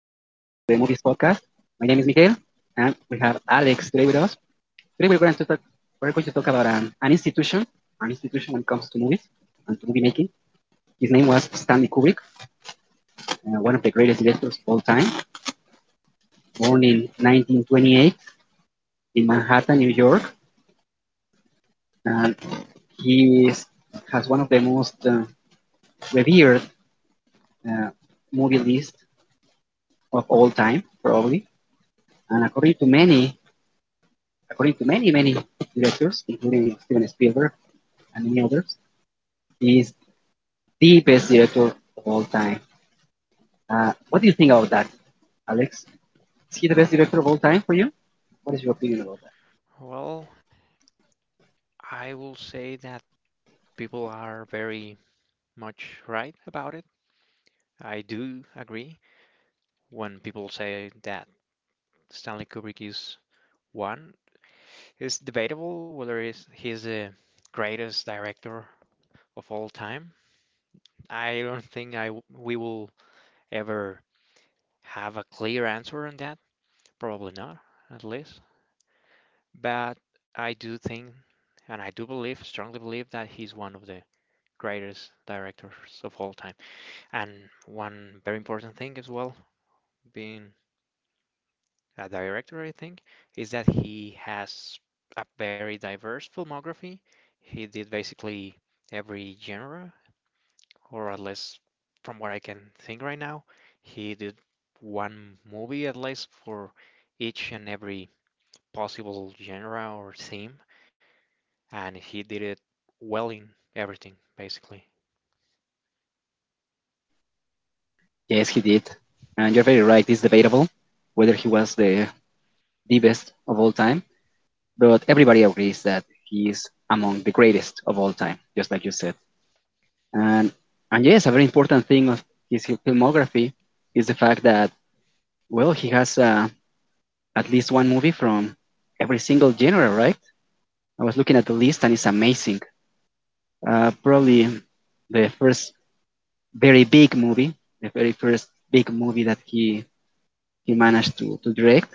and we have Alex today with us. Today we're going to talk, We're going to talk about an an institution when it comes to movies and to movie making. His name was Stanley Kubrick, one of the greatest directors of all time, born in 1928 in Manhattan, New York. And he is, has one of the most revered uh, movie lists of all time, probably. And according to many directors, including Steven Spielberg and many others, is the best director of all time. What do you think about that, Alex? Is he the best director of all time for you? What is your opinion about that? Well, I will say that people are very much right about it. I do agree. When people say that Stanley Kubrick is one, it's debatable whether he's the greatest director of all time. I don't think we will ever have a clear answer on that. Probably not, at least. But I do think, and I do believe, strongly believe that he's one of the greatest directors of all time. And one very important thing as well, being a director, I think, is that he has a very diverse filmography. He did basically every genre, or at least from what I can think right now, he did one movie at least for each and every possible genre or theme, and he did it well in everything, basically. Yes, he did. And you're very right, it's debatable whether he was the best of all time, but everybody agrees that he is among the greatest of all time, just like you said. And, and yes, a very important thing of his filmography is the fact well, he has at least one movie from every single genre, right? I was looking at the list and it's amazing. Probably the first very big movie, The very first big movie that he managed to direct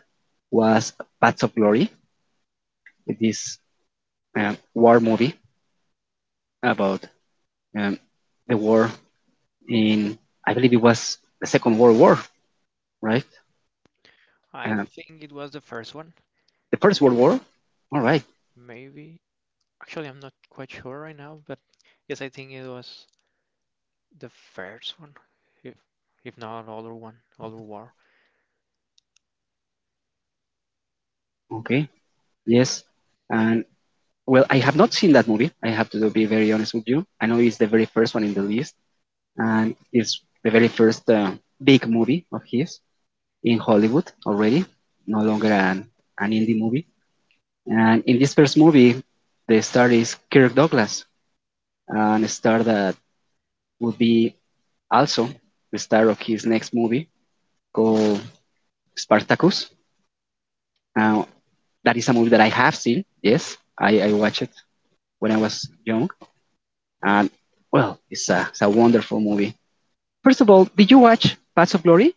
was Paths of Glory, this war movie about um, the war in, I believe it was the Second World War, right? I Uh, think it was the first one, the First World War? All right. maybe. Actually, I'm not quite sure right now, but yes, I think it was the first one, if if not other one, other war. Okay. Yes. And well, I have not seen that movie. I have to be very honest with you. I know it's the very first one in the list, and it's the very first big movie of his in Hollywood already, no longer Yes, an indie movie. And in this first movie, the star is Kirk Douglas, and a star that would be also the star of his next movie called Spartacus. Now, that is a movie that I have seen. Yes, I watched it when I was young, and well, it's a wonderful movie. First of all, did you watch Paths of Glory?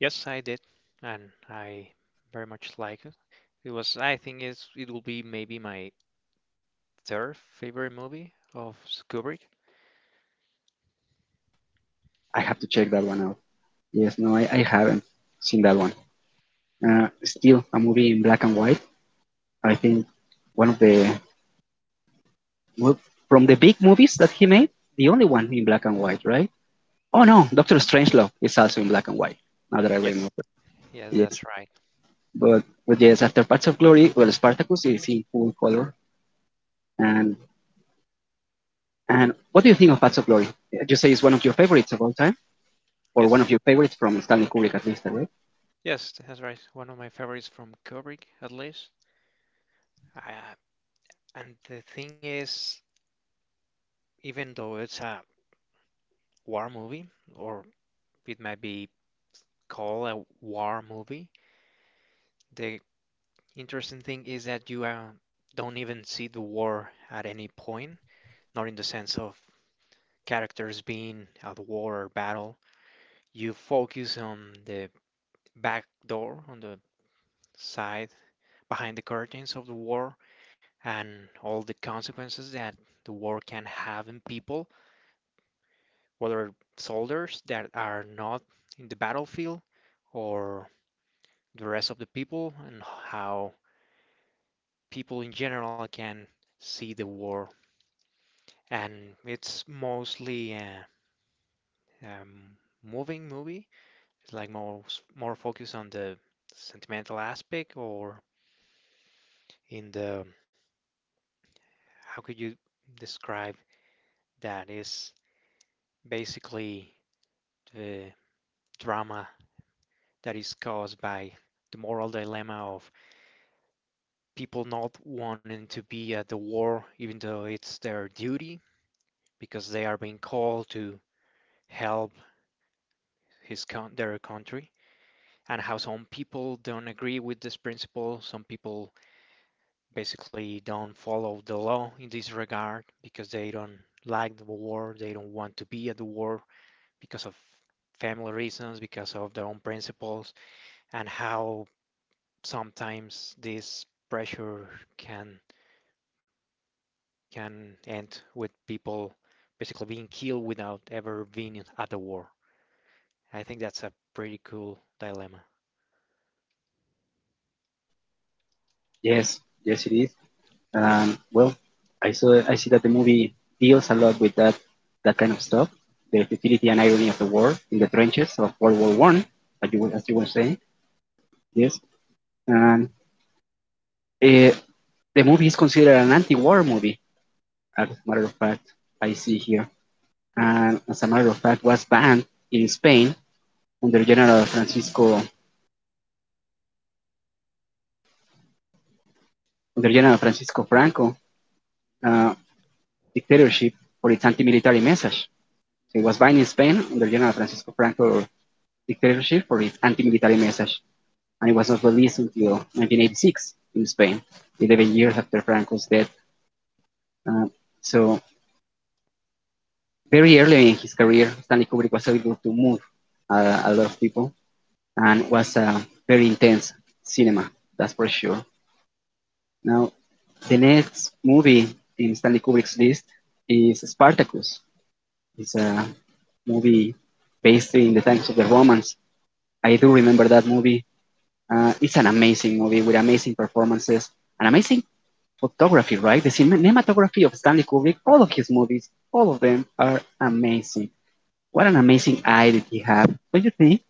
yes, I did, and I very much like it. It was, I think it will be maybe my third favorite movie of Kubrick. I have to check that one out. Yes, no, I haven't seen that one. Still a movie in black and white. I think one of the well, from the big movies that he made, the only one in black and white, right? Oh no, Doctor Strangelove is also in black and white. Now that I Yes, remember, yes, that's yes. right. But yes, after Paths of Glory, well, Spartacus is in full color. And and what do you think of Paths of Glory? You say it's one of your favorites of all time, or one of Yes, your favorites from Stanley Kubrick at least, right? yes, that's right. One of my favorites from Kubrick, at least. Uh, and the thing is, even though it's a war movie, or it might be call a war movie. The interesting thing is that you don't even see the war at any point, not in the sense of characters being at war or battle. You focus on the back door, on the side behind the curtains of the war, and all the consequences that the war can have in people, whether soldiers that are not in the battlefield or the rest of the people, and how people in general can see the war. And it's mostly a, um moving movie. It's like more focused on the sentimental aspect, or in the, how could you describe, that is basically the drama that is caused by the moral dilemma of people not wanting to be at the war even though it's their duty because they are being called to help his con their country, and how some people don't agree with this principle. Some people basically don't follow the law in this regard because they don't like the war, they don't want to be at the war because of family reasons, because of their own principles, and how sometimes this pressure can can end with people basically being killed without ever being at the war. I think that's a pretty cool dilemma. Yes, yes, it is. And well, I see that the movie deals a lot with that kind of stuff, the futility and irony of the war in the trenches of World War One, as you were saying. Yes, and uh, the movie is considered an anti-war movie. As a matter of fact, I see here, and as a matter of fact, was banned in Spain under General Francisco under General Francisco Franco uh, dictatorship for its anti-military message. So it was banned in Spain under General Francisco Franco dictatorship for his anti-military message, and he was not released until 1986 in Spain, 11 years after Franco's death. Uh, so very early in his career, Stanley Kubrick was able to move a lot of people and was a very intense cinema, that's for sure. Now, the next movie in Stanley Kubrick's list is Spartacus. It's a movie based in the times of the Romans. I do remember that movie. It's an amazing movie with amazing performances and amazing photography, right? The cinematography of Stanley Kubrick, all of his movies, all of them are amazing. What an amazing eye did he have, don't you think?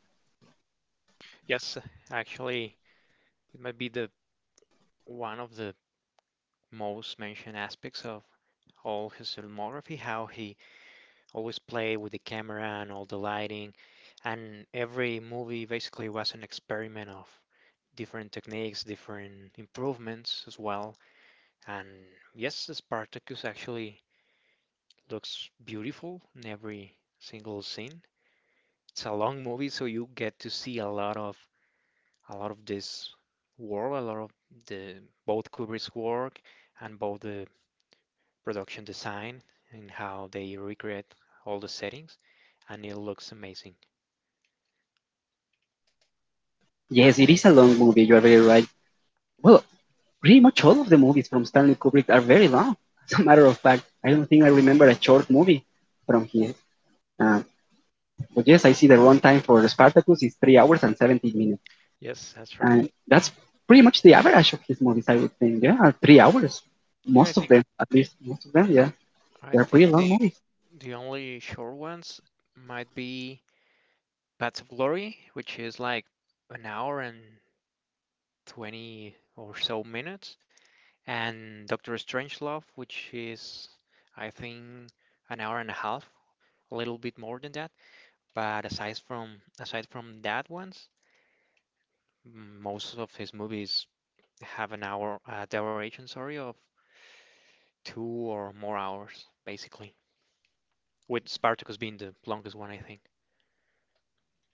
Yes, it is a long movie. You are very right. Well, pretty much all of the movies from Stanley Kubrick are very long. As a matter of fact, I don't think I remember a short movie from his. Uh, but yes, I see the runtime for Spartacus is 3 hours and 17 minutes, and that's pretty much the average of his movies. I would think, yeah, 3 hours, most of them, at least most of them, yeah, they're pretty long movies.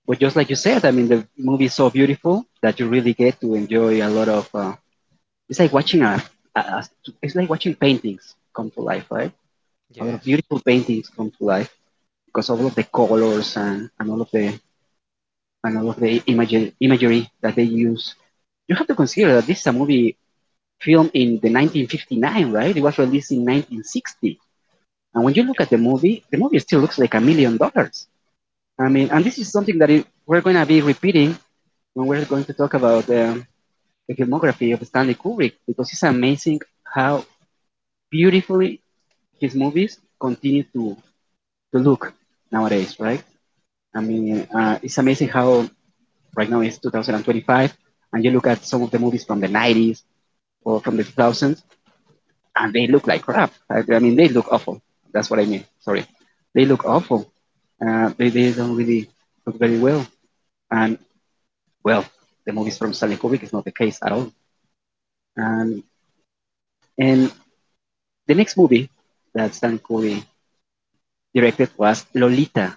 But just like you said, I mean, the movie is so beautiful that you really get to enjoy a lot of. It's like watching a. It's like watching paintings come to life, right? A lot of beautiful paintings come to life because of all of the colors and all of the and all of the imagery that they use. You have to consider that this is a movie filmed in the 1959, right? It was released in 1960. And when you look at the movie still looks like a million dollars. I mean, and this is something that we're going to be repeating when we're going to talk about the filmography of Stanley Kubrick because it's amazing how beautifully his movies continue to look nowadays, right? I mean, it's amazing how right now it's 2025 and you look at some of the movies from the 90s or from the 2000s and they look like crap. I mean, they look awful. That's what I mean. Sorry, they look awful. They don't really look very well. And well, the movies from Stanley Kubrick is not the case at all. Um, and the next movie that Stanley Kubrick directed was Lolita.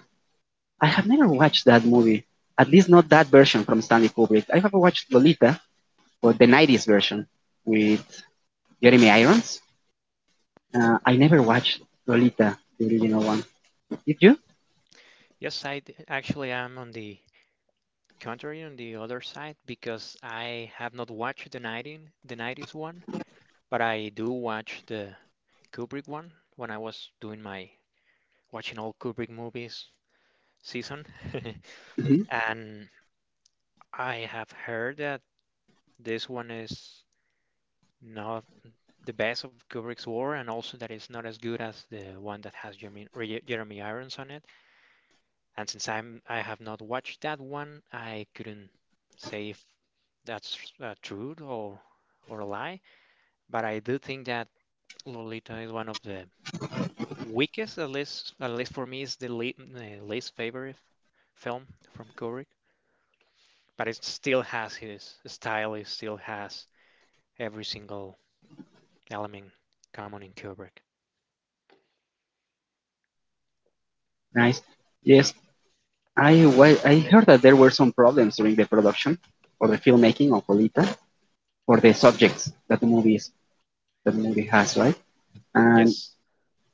I have never watched that movie, at least not that version from Stanley Kubrick. I have watched Lolita, but the 90s version with Jeremy Irons. I never watched Lolita, the original one. Did you? Mm-hmm. Nice. Yes, I heard that there were some problems during the production or the filmmaking of Lolita for the subjects that the movies that the movie has, right? And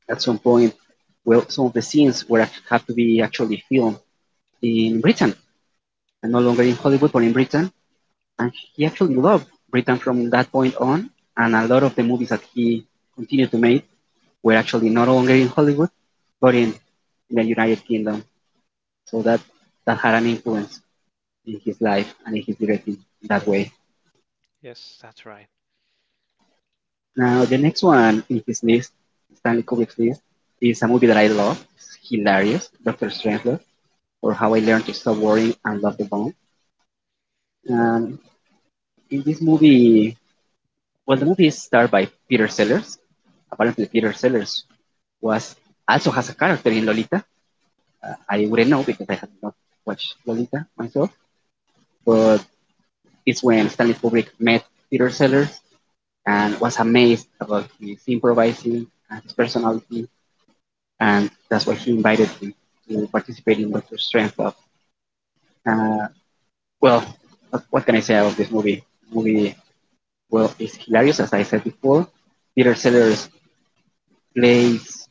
at some point, well, some of the scenes had to be actually filmed in Britain and no longer in Hollywood, but in Britain. And he actually loved Britain from that point on. And a lot of the movies that he continued to make were actually not longer in Hollywood, but in the United Kingdom. So that had an influence in his life and in his directing that way. Now, the next one in his list, Stanley Kubrick's list, is a movie that I love. It's hilarious, Dr. Strangelove, or How I Learned to Stop Worrying and Love the Bomb. And in this movie, well, the movie is starred by Peter Sellers. Apparently, Peter Sellers was also has a character in Lolita. I wouldn't know because I have not watched Lolita myself, but it's when Stanley Kubrick met Peter Sellers and was amazed about his improvising and his personality, and that's why he invited me to participate in Doctor Strangelove. Uh, well, what can I say about this movie? The movie, well, it's hilarious as I said before. Peter Sellers plays,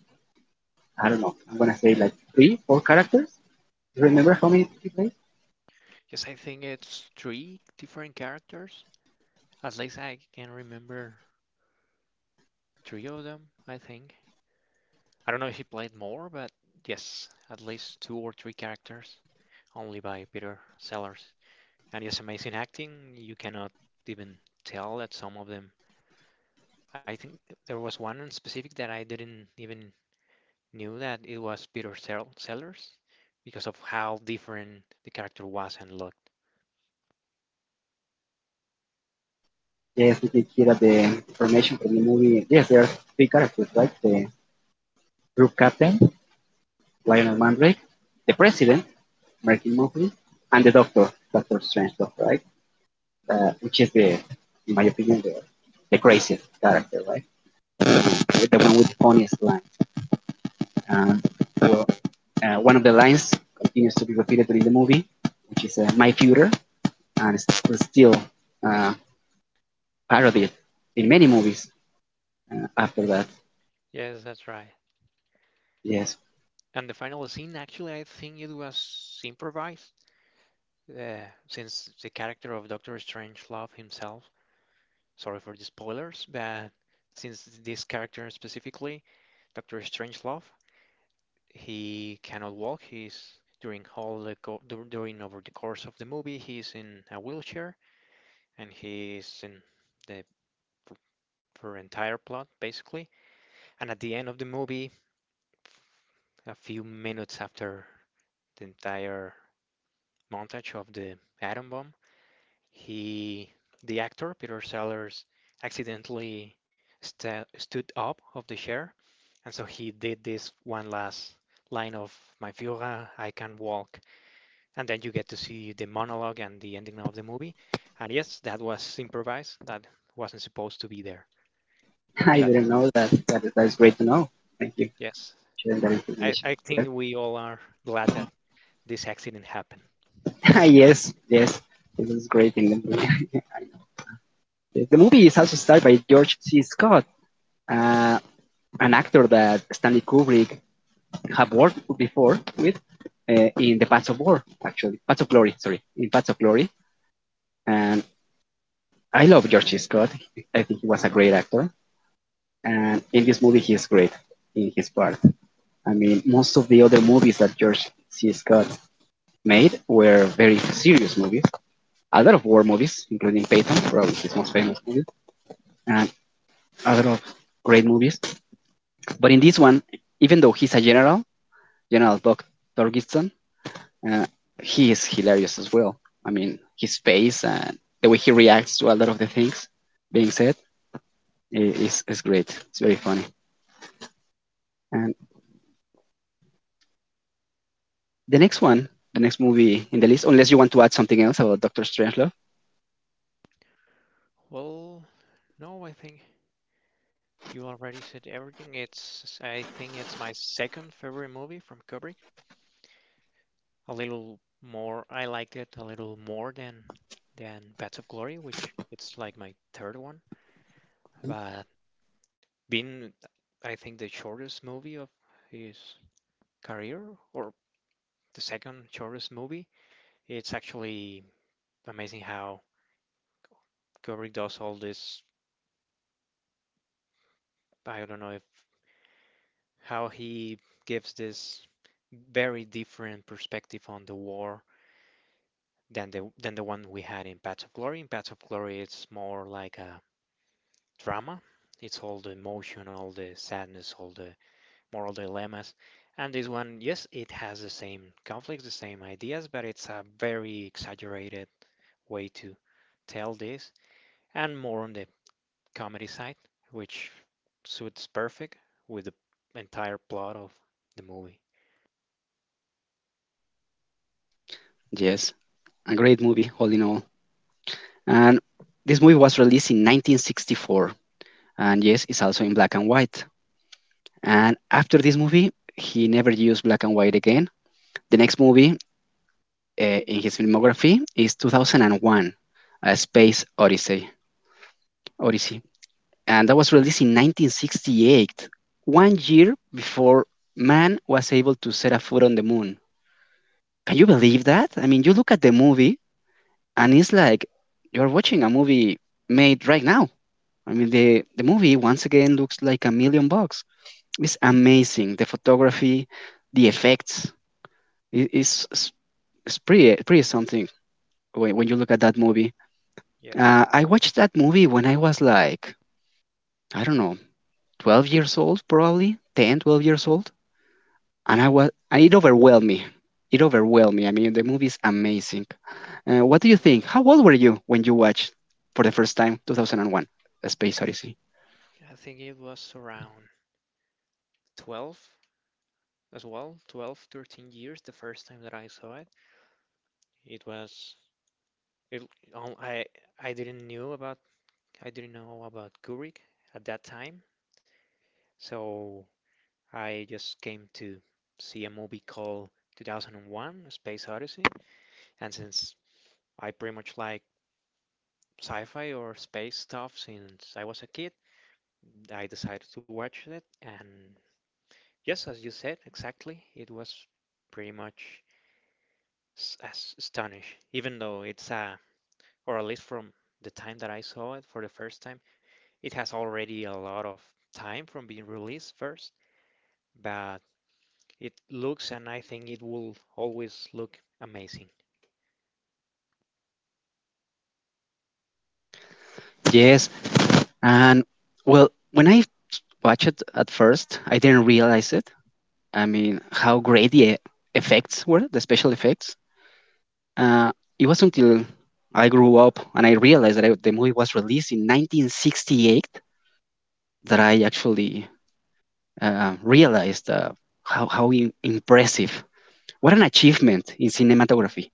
I don't know, I'm gonna say like three, four characters. Do you remember how many he plays? Yes, we did here at the information for the movie. Yes, there are three characters, right? The Group captain, Lionel Mandrake, the president, American movie, and the Doctor, Doctor Strange Doctor, right? Which is in my opinion, the craziest character, right? The one with the funniest lines. Um, well, One of the lines continues to be repeated in the movie, which is "My future," and it's still uh, parodied in many movies after that. Yes, I didn't know that. That is great to know. Thank you for sharing that information. Yes, yes, yes. This is great in the movie. The movie is also starred by George C. Scott, uh, an actor that Stanley Kubrick have worked before with uh, in The Paths of War, actually. Paths of Glory, sorry. In Paths of Glory. And I love George C. Scott. I think he was a great actor. And in this movie, he is great in his part. I mean, most of the other movies that George C. Scott made were very serious movies. A lot of war movies, including Peyton, probably his most famous movie, and a lot of great movies. But in this one, even though he's a general, General Buck Torgiston, uh, he is hilarious as well. I mean, his face and the way he reacts to a lot of the things being said is great. It's very funny. And the next one, the next movie in the list, unless you want to add something else about Doctor Strangelove. Yes, a great movie, all in all. And this movie was released in 1964, and yes, it's also in black and white. And after this movie, he never used black and white again. The next movie in his filmography is 2001, A Space Odyssey. Odyssey. And that was released in 1968, 1 year before man was able to set a foot on the moon. Can you believe that? I mean, you look at the movie and it's like you're watching a movie made right now. I mean, the movie once again looks like a million bucks. It's amazing. The photography, the effects, it, it's, it's pretty, pretty something when you look at that movie. I watched that movie when I was like, I don't know, 12 years old, probably 10, 12 years old. And it overwhelmed me. It overwhelmed me. I mean, the movie is amazing. What do you think? How old were you when you watched for the first time 2001 A Space Odyssey? Yes. And well, when I watched it at first, I didn't realize it. I mean, how great the effects were, the special effects. Uh, it was until I grew up and I realized the movie was released in 1968 that I actually realized how impressive, what an achievement in cinematography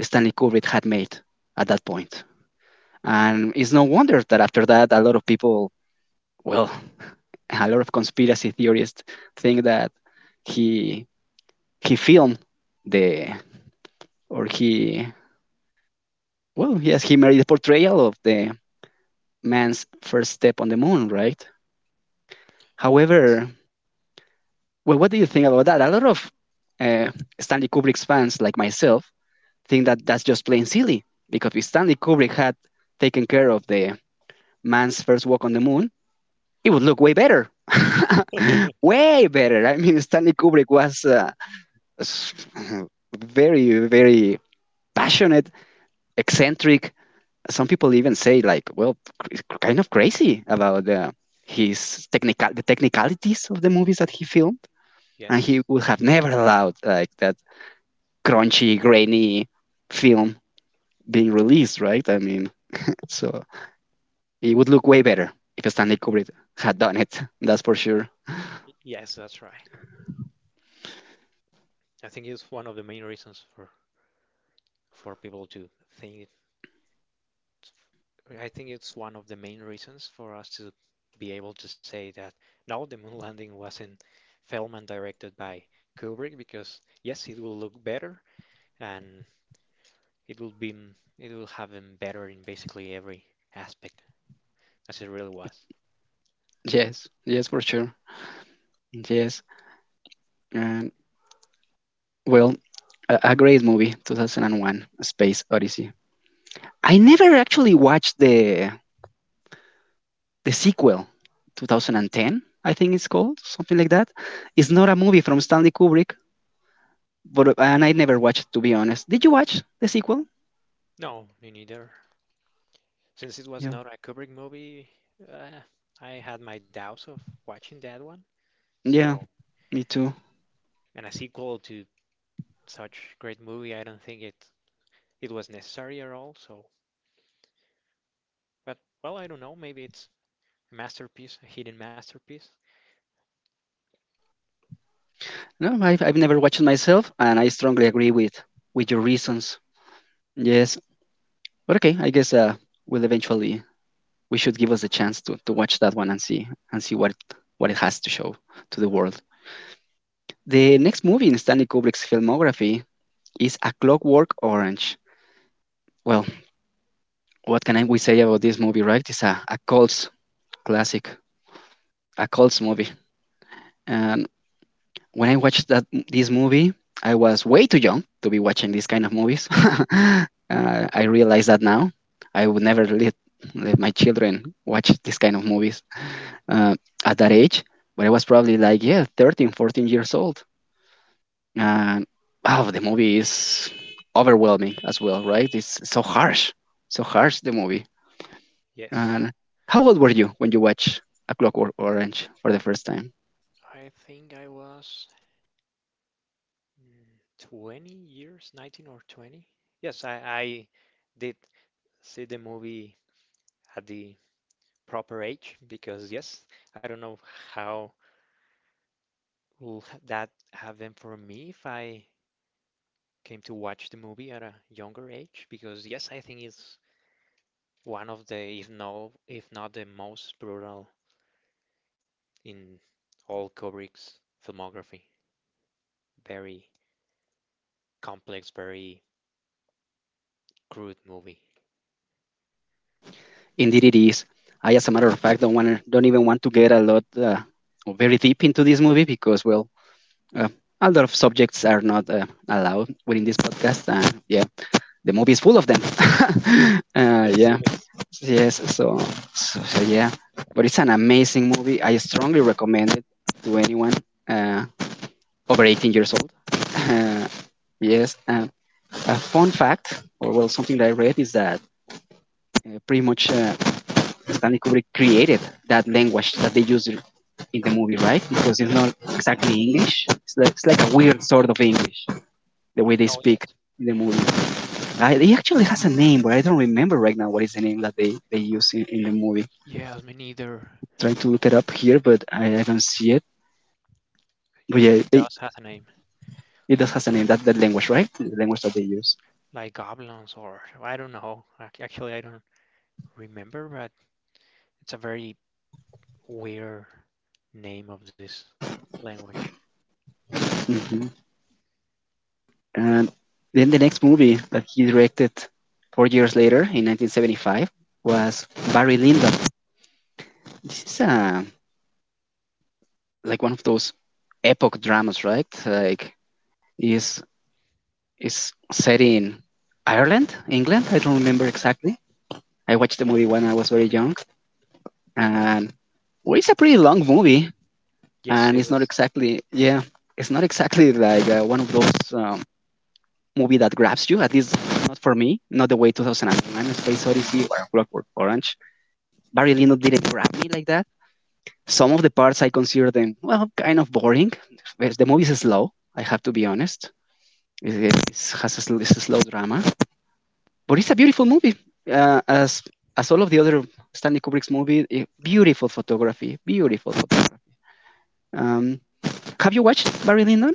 Stanley Kubrick had made at that point. And it's no wonder that after that, a lot of people, well, a lot of conspiracy theorists think that he he filmed the or he Well, yes, he made the portrayal of the man's first step on the moon, right? However, well, what do you think about that? A lot of uh, Stanley Kubrick's fans, like myself, think that that's just plain silly because if Stanley Kubrick had taken care of the man's first walk on the moon, it would look way better. Way better. I mean, Stanley Kubrick was very, very passionate, eccentric. Some people even say like, well, kind of crazy about his technical the technicalities of the movies that he filmed, and he would have never allowed like that crunchy, grainy film being released, right? I mean, so it would look way better if Stanley Kubrick had done it. That's for sure. Yes, yes, for sure. Yes. And, well, a great movie, 2001 A Space Odyssey. I never actually watched the sequel, 2010, I think it's called, something like that. It's not a movie from Stanley Kubrick, but, and I never watched, to be honest. Did you watch the sequel? Yeah, yeah, me too. No, I've never watched it myself, and I strongly agree with your reasons. Yes, but okay. I guess we'll eventually, we should give us a chance to watch that one and see, and see what it has to show to the world. The next movie in Stanley Kubrick's filmography is A Clockwork Orange. Well, we say about this movie, right? It's a cult classic, a cult movie. And when I watched that this movie, I was way too young to be watching these kind of movies. I realize that now. I would never let my children watch this kind of movies uh, at that age. But I was probably like, yeah, 13, 14 years old. And wow, the movie is overwhelming as well, right? It's so harsh, the movie. And how old were you when you watched A Clockwork Orange for the first time? Indeed, it is. I, as a matter of fact, don't even want to get a lot or very deep into this movie because, well, uh, a lot of subjects are not allowed within this podcast, and yeah, the movie is full of them. uh, yeah, yes. So yeah, but it's an amazing movie. I strongly recommend it to anyone uh, over 18 years old. Uh, yes, uh, a fun fact, or well, something that I read is that pretty much Stanley Kubrick created that language that they use in the movie, right? Because it's not exactly English. It's like a weird sort of English, the way they speak in the movie. It actually has a name, but I don't remember right now what is the name that they use in the movie. I'm trying to look it up here, but I don't see it. But yeah, they, it does has a name, that language, right? The language that they use. Hmm. And then the next movie that he directed 4 years later in 1975 was Barry Lyndon. This is a, like one of those epoch dramas, right? Like is is set in Ireland, England. I don't remember exactly. I watched the movie when I was very young, and well, it's a pretty long movie, and it's not exactly, yeah, it's not exactly like one of those movie that grabs you. At least not for me, not the way 2009 Space Odyssey or Clockwork Orange. Barry Lyndon didn't grab me like that. Some of the parts I consider them, well, kind of boring. Well, the movie is slow. I have to be honest. It's a slow drama, but it's a beautiful movie. As as all of the other Stanley Kubrick's movie, eh, beautiful photography, beautiful photography. Um, have you watched Barry Lyndon?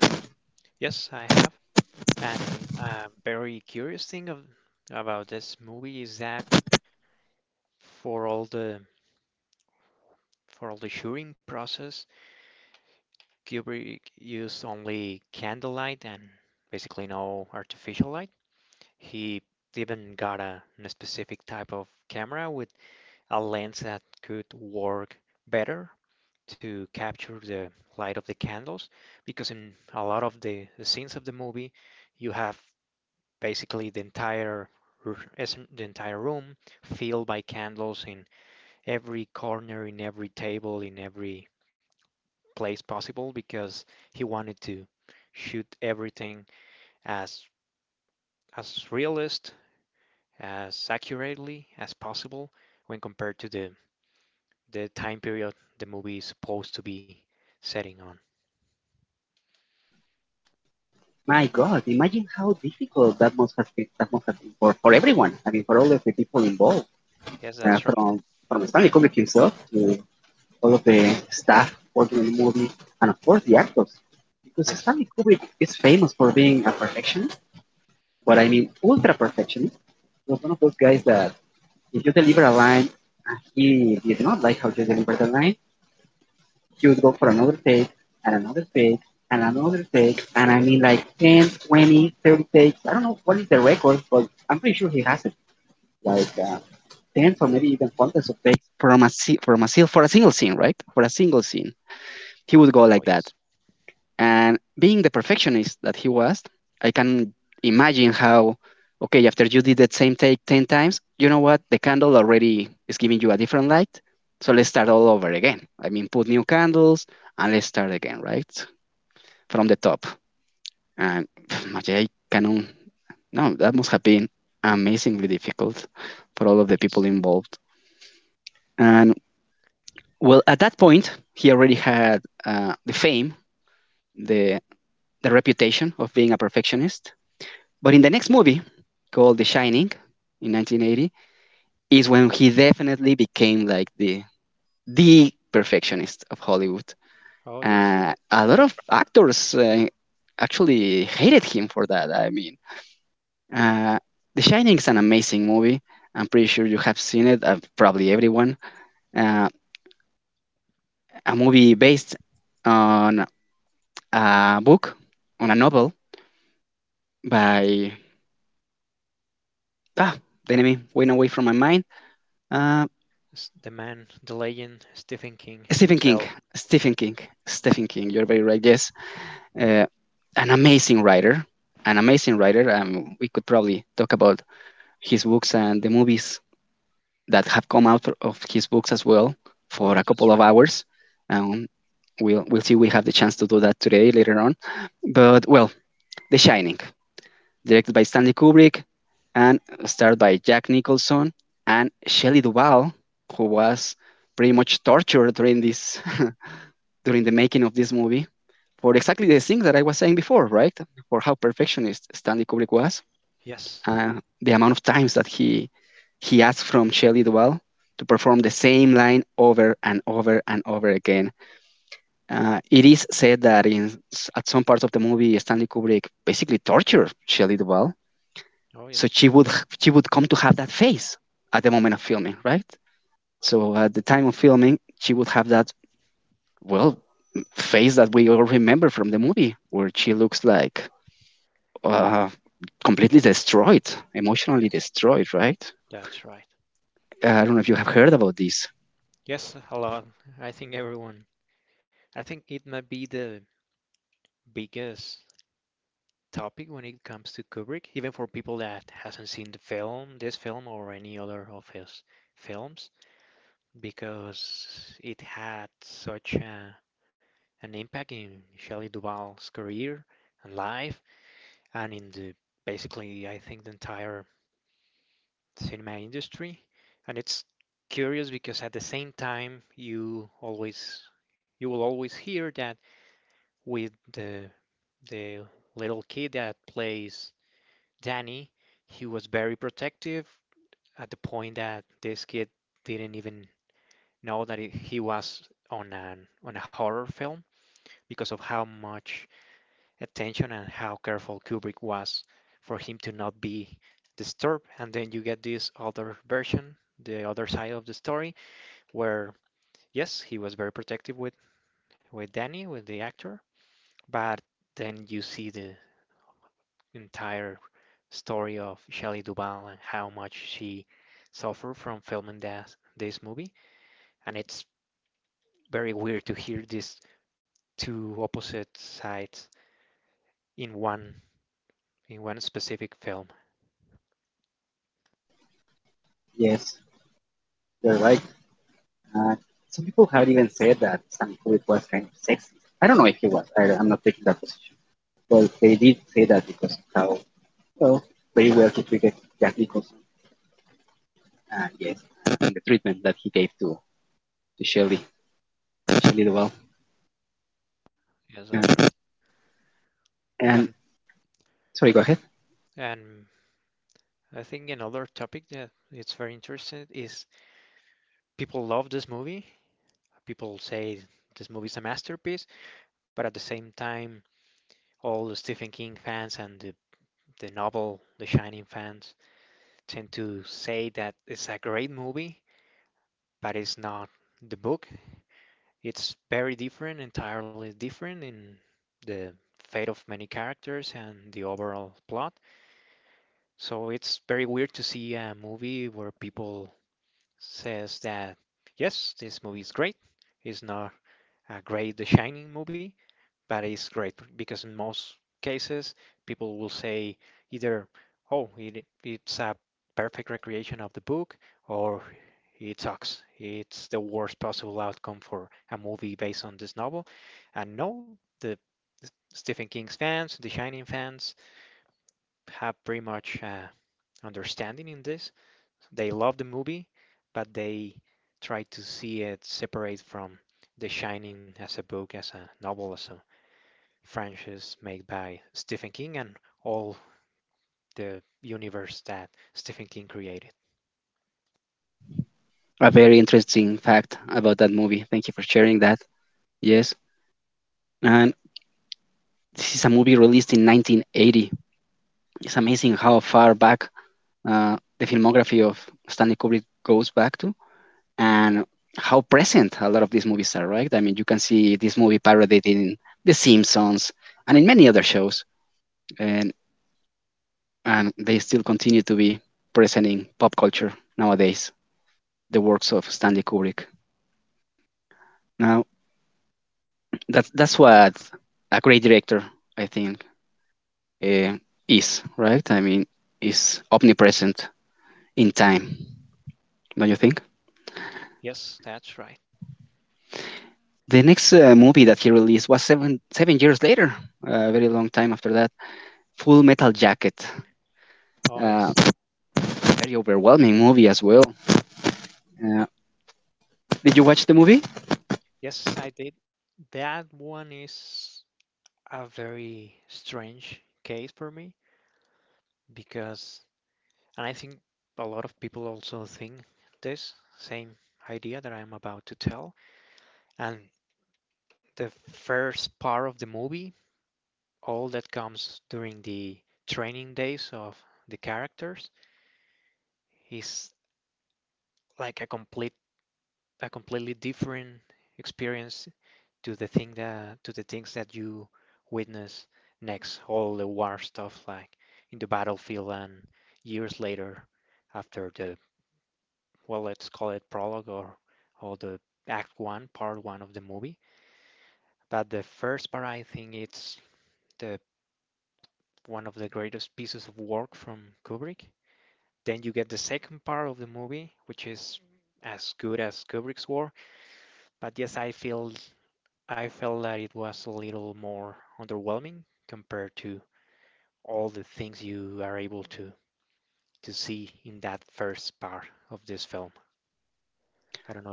My God, imagine how difficult that must have been, that must have been for everyone. I mean, for all of the people involved, from from Stanley Kubrick himself to all of the staff working on the movie, and of course the actors. Because Stanley Kubrick is famous for being a perfectionist, but I mean ultra perfectionist. He was one of those guys that if you deliver a line, uh, he did not like how you delivered the line, she would go for another take and another take and another take. And I mean, like 10, 20, 30 takes. I don't know what is the record, but I'm pretty sure he has it. Like 10 or maybe even hundreds of takes from for a single scene, right? For a single scene. He would go like that. And being the perfectionist that he was, I can imagine how, okay, after you did that same take 10 times, you know what? The candle already is giving you a different light. So let's start all over again. I mean, put new candles and let's start again, right? From the top. And I cannot, no, that must have been amazingly difficult for all of the people involved. And well, at that point, he already had the fame, the the reputation of being a perfectionist. But in the next movie, called The Shining, in 1980, is when he definitely became like the perfectionist of Hollywood. A lot of actors actually hated him for that. I mean, uh, The Shining is an amazing movie. I'm pretty sure you have seen it, probably everyone. Uh, a movie based on a book, on a novel by, ah, the enemy went away from my mind. Uh, Stephen King, Stephen King, Stephen King. You're very right. Yes, uh, an amazing writer, an amazing writer. We could probably talk about his books and the movies that have come out of his books as well for a couple of hours. Um, we'll we'll see. We have the chance to do that today later on. But well, The Shining, directed by Stanley Kubrick, and starred by Jack Nicholson and Shelley Duvall, who was pretty much tortured during this during the making of this movie for exactly the things that I was saying before, right? For how perfectionist Stanley Kubrick was, uh, the amount of times that he asked from Shelley Duvall to perform the same line over and over and over again. It is said that in at some parts of the movie, Stanley Kubrick basically tortured Shelley Duvall, so she would come to have that face at the moment of filming, right? So at the time of filming, she would have that, well, face that we all remember from the movie, where she looks like uh, completely destroyed, emotionally destroyed, right? I don't know if you have heard about this. Yes, you're right. Uh, some people have even said that Sam Kubrick was kind of sexist. I don't know if he was. I'm not taking that position. Well, they did say that because of how, well, very well he treated Jack Nicholson. Yes, and the treatment that he gave to Shelley. She did well. Yeah. And, sorry, go ahead. A very interesting fact about that movie. Thank you for sharing that. Yes. And this is a movie released in 1980. It's amazing how far back the filmography of Stanley Kubrick goes back to, and how present a lot of these movies are, right? I mean, you can see this movie parodied in The Simpsons and in many other shows, and, and they still continue to be present in pop culture nowadays, the works of Stanley Kubrick. Now, that's what a great director, I think, uh, is, right? I mean, is omnipresent in time, don't you think? The next movie that he released was seven years later, a very long time after that. Full Metal Jacket, uh, very overwhelming movie as well. Uh, did you watch the movie?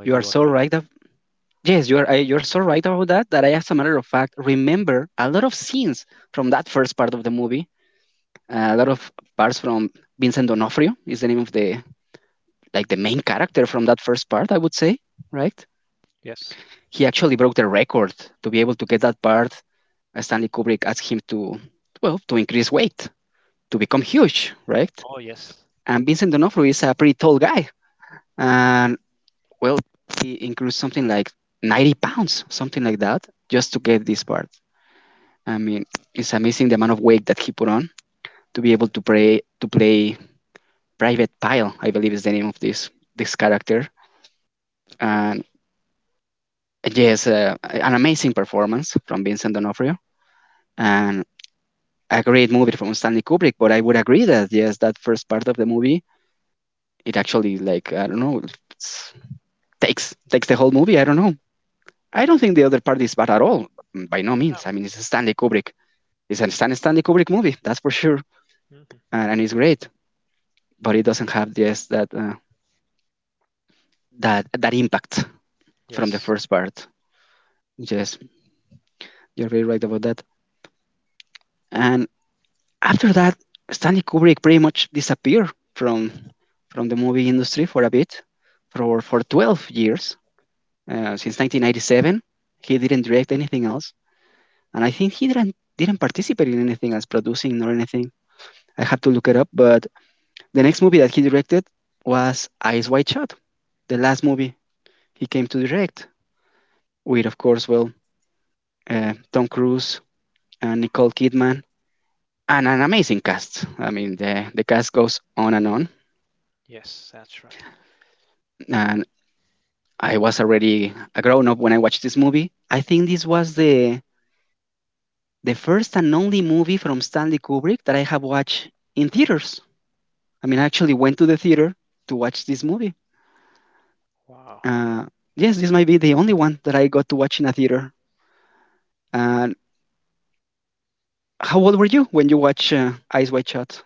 You are so right. Yes, you are. You are so right about that. That I, as a matter of fact, remember a lot of scenes from that first part of the movie. A lot of parts from Vincent D'Onofrio is the name of the, like, the main character from that first part, I would say, right? He actually broke the record to be able to get that part. Stanley Kubrick asked him to, well, to increase weight, to become huge, right? And Vincent D'Onofrio is a pretty tall guy. And, well, he increased something like 90 pounds, something like that, just to get this part. I mean, it's amazing the amount of weight that he put on to be able to play Private Pyle, I believe is the name of this character. And yes, an amazing performance from Vincent D'Onofrio. And a great movie from Stanley Kubrick, but I would agree that yes, that first part of the movie, it actually, like, I don't know, takes, takes the whole movie. I don't know. I don't think the other part is bad at all. By no means. I mean, it's Stanley Kubrick. It's a Stanley Kubrick movie, that's for sure, and it's great. But it doesn't have, yes, that that impact from the first part. Yes, you're very right about that. And after that, Stanley Kubrick pretty much disappeared from the movie industry for a bit, for 12 years, since 1997. He didn't direct anything else, and I think he didn't participate in anything as producing or anything. I have to look it up, but the next movie that he directed was Eyes Wide Shut, the last movie he came to direct, with of course, well, Tom Cruise and Nicole Kidman, and an amazing cast. I mean, the cast goes on, and I was already a grown up when I watched this movie. I think this was the first and only movie from Stanley Kubrick that I have watched in theaters. I mean, I actually went to the theater to watch this movie. Uh, yes, this might be the only one that I got to watch in a theater. And how old were you when you watched Eyes Wide Shut?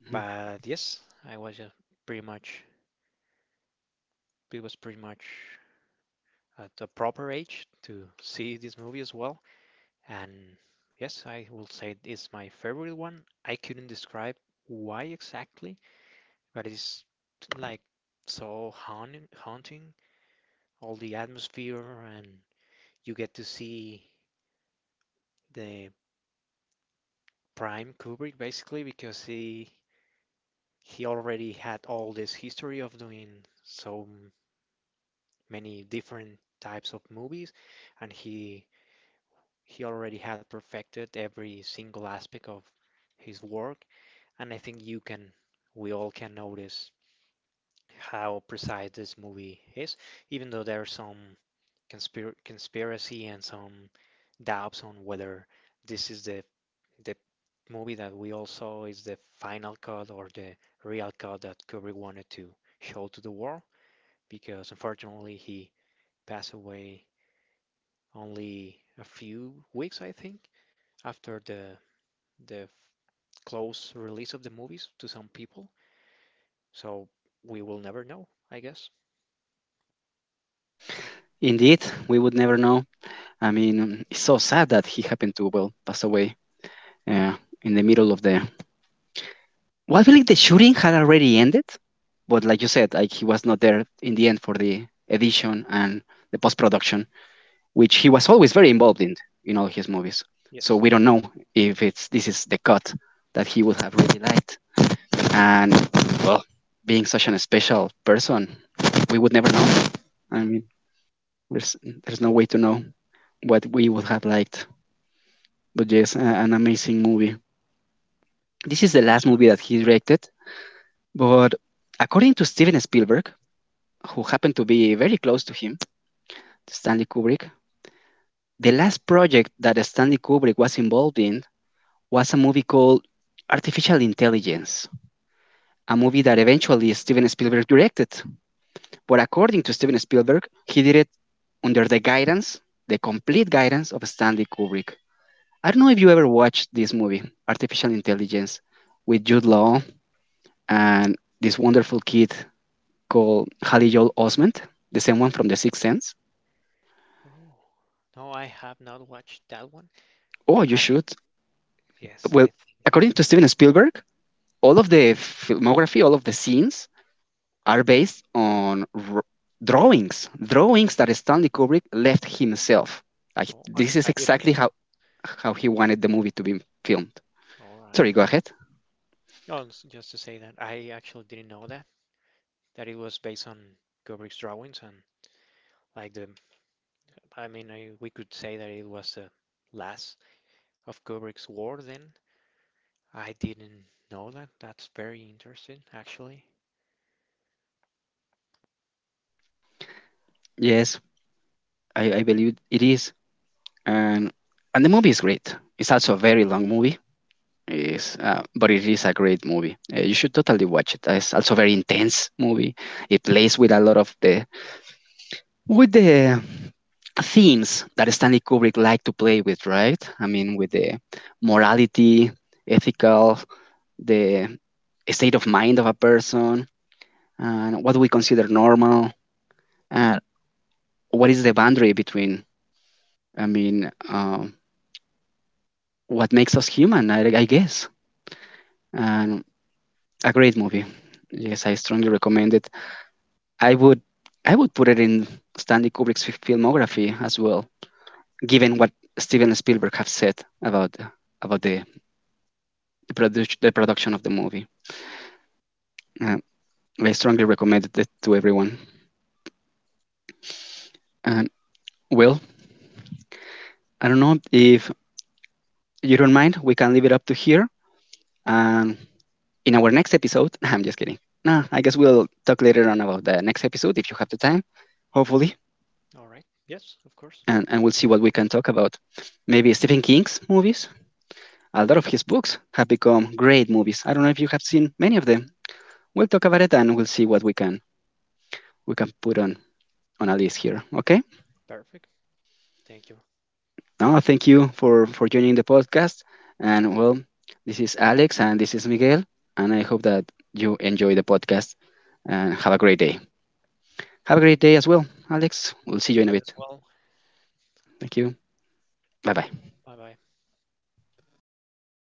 Mhm. Indeed, we would never know. I mean, it's so sad that he happened to, well, pass away uh, in the middle of the. Well, I feel like the shooting had already ended, but like you said, like, he was not there in the end for the edition and the post production, which he was always very involved in all his movies. So we don't know if it's this is the cut that he would have really liked. And well, being such an special person, we would never know. I mean, there's there's no way to know what we would have liked. But yes, an amazing movie. This is the last movie that he directed, but according to Steven Spielberg, who happened to be very close to him, Stanley Kubrick, the last project that Stanley Kubrick was involved in was a movie called Artificial Intelligence, a movie that eventually Steven Spielberg directed. But according to Steven Spielberg, he did it under the guidance, the complete guidance of Stanley Kubrick. I don't know if you ever watched this movie, Artificial Intelligence, with Jude Law and this wonderful kid called Haley Joel Osment, the same one from The Sixth Sense. Oh, you should. Well, according to Steven Spielberg, all of the filmography, all of the scenes are based on drawings, drawings that Stanley Kubrick left himself. Like, this is exactly how he wanted the movie to be filmed. Sorry, go ahead. Yes, I believe it is, and and the movie is great. It's also a very long movie. Is but it is a great movie. You should totally watch it. It's also a very intense movie. It plays with a lot of the, with the themes that Stanley Kubrick liked to play with, right? I mean, with the morality, ethical, the state of mind of a person, and what do we consider normal, and what is the boundary between, I mean, what makes us human, I guess. And a great movie. Yes, I strongly recommend it. I would, I would put it in Stanley Kubrick's filmography as well, given what Steven Spielberg have said about the the production of the movie. Uh, I strongly recommend it to everyone. And well, I don't know if you don't mind, we can leave it up to here. And in our next episode, I'm just kidding. No, I guess we'll talk later on about the next episode if you have the time, hopefully. And we'll see what we can talk about. Maybe Stephen King's movies. A lot of his books have become great movies. I don't know if you have seen many of them. We'll talk about it and we'll see what we can put on a list here. Okay. No, thank you for joining the podcast. And well, this is Alex and this is Miguel, and I hope that you enjoy the podcast and have a great day. Have a great day as well, Alex. We'll see you in a bit. Thank you. Bye bye.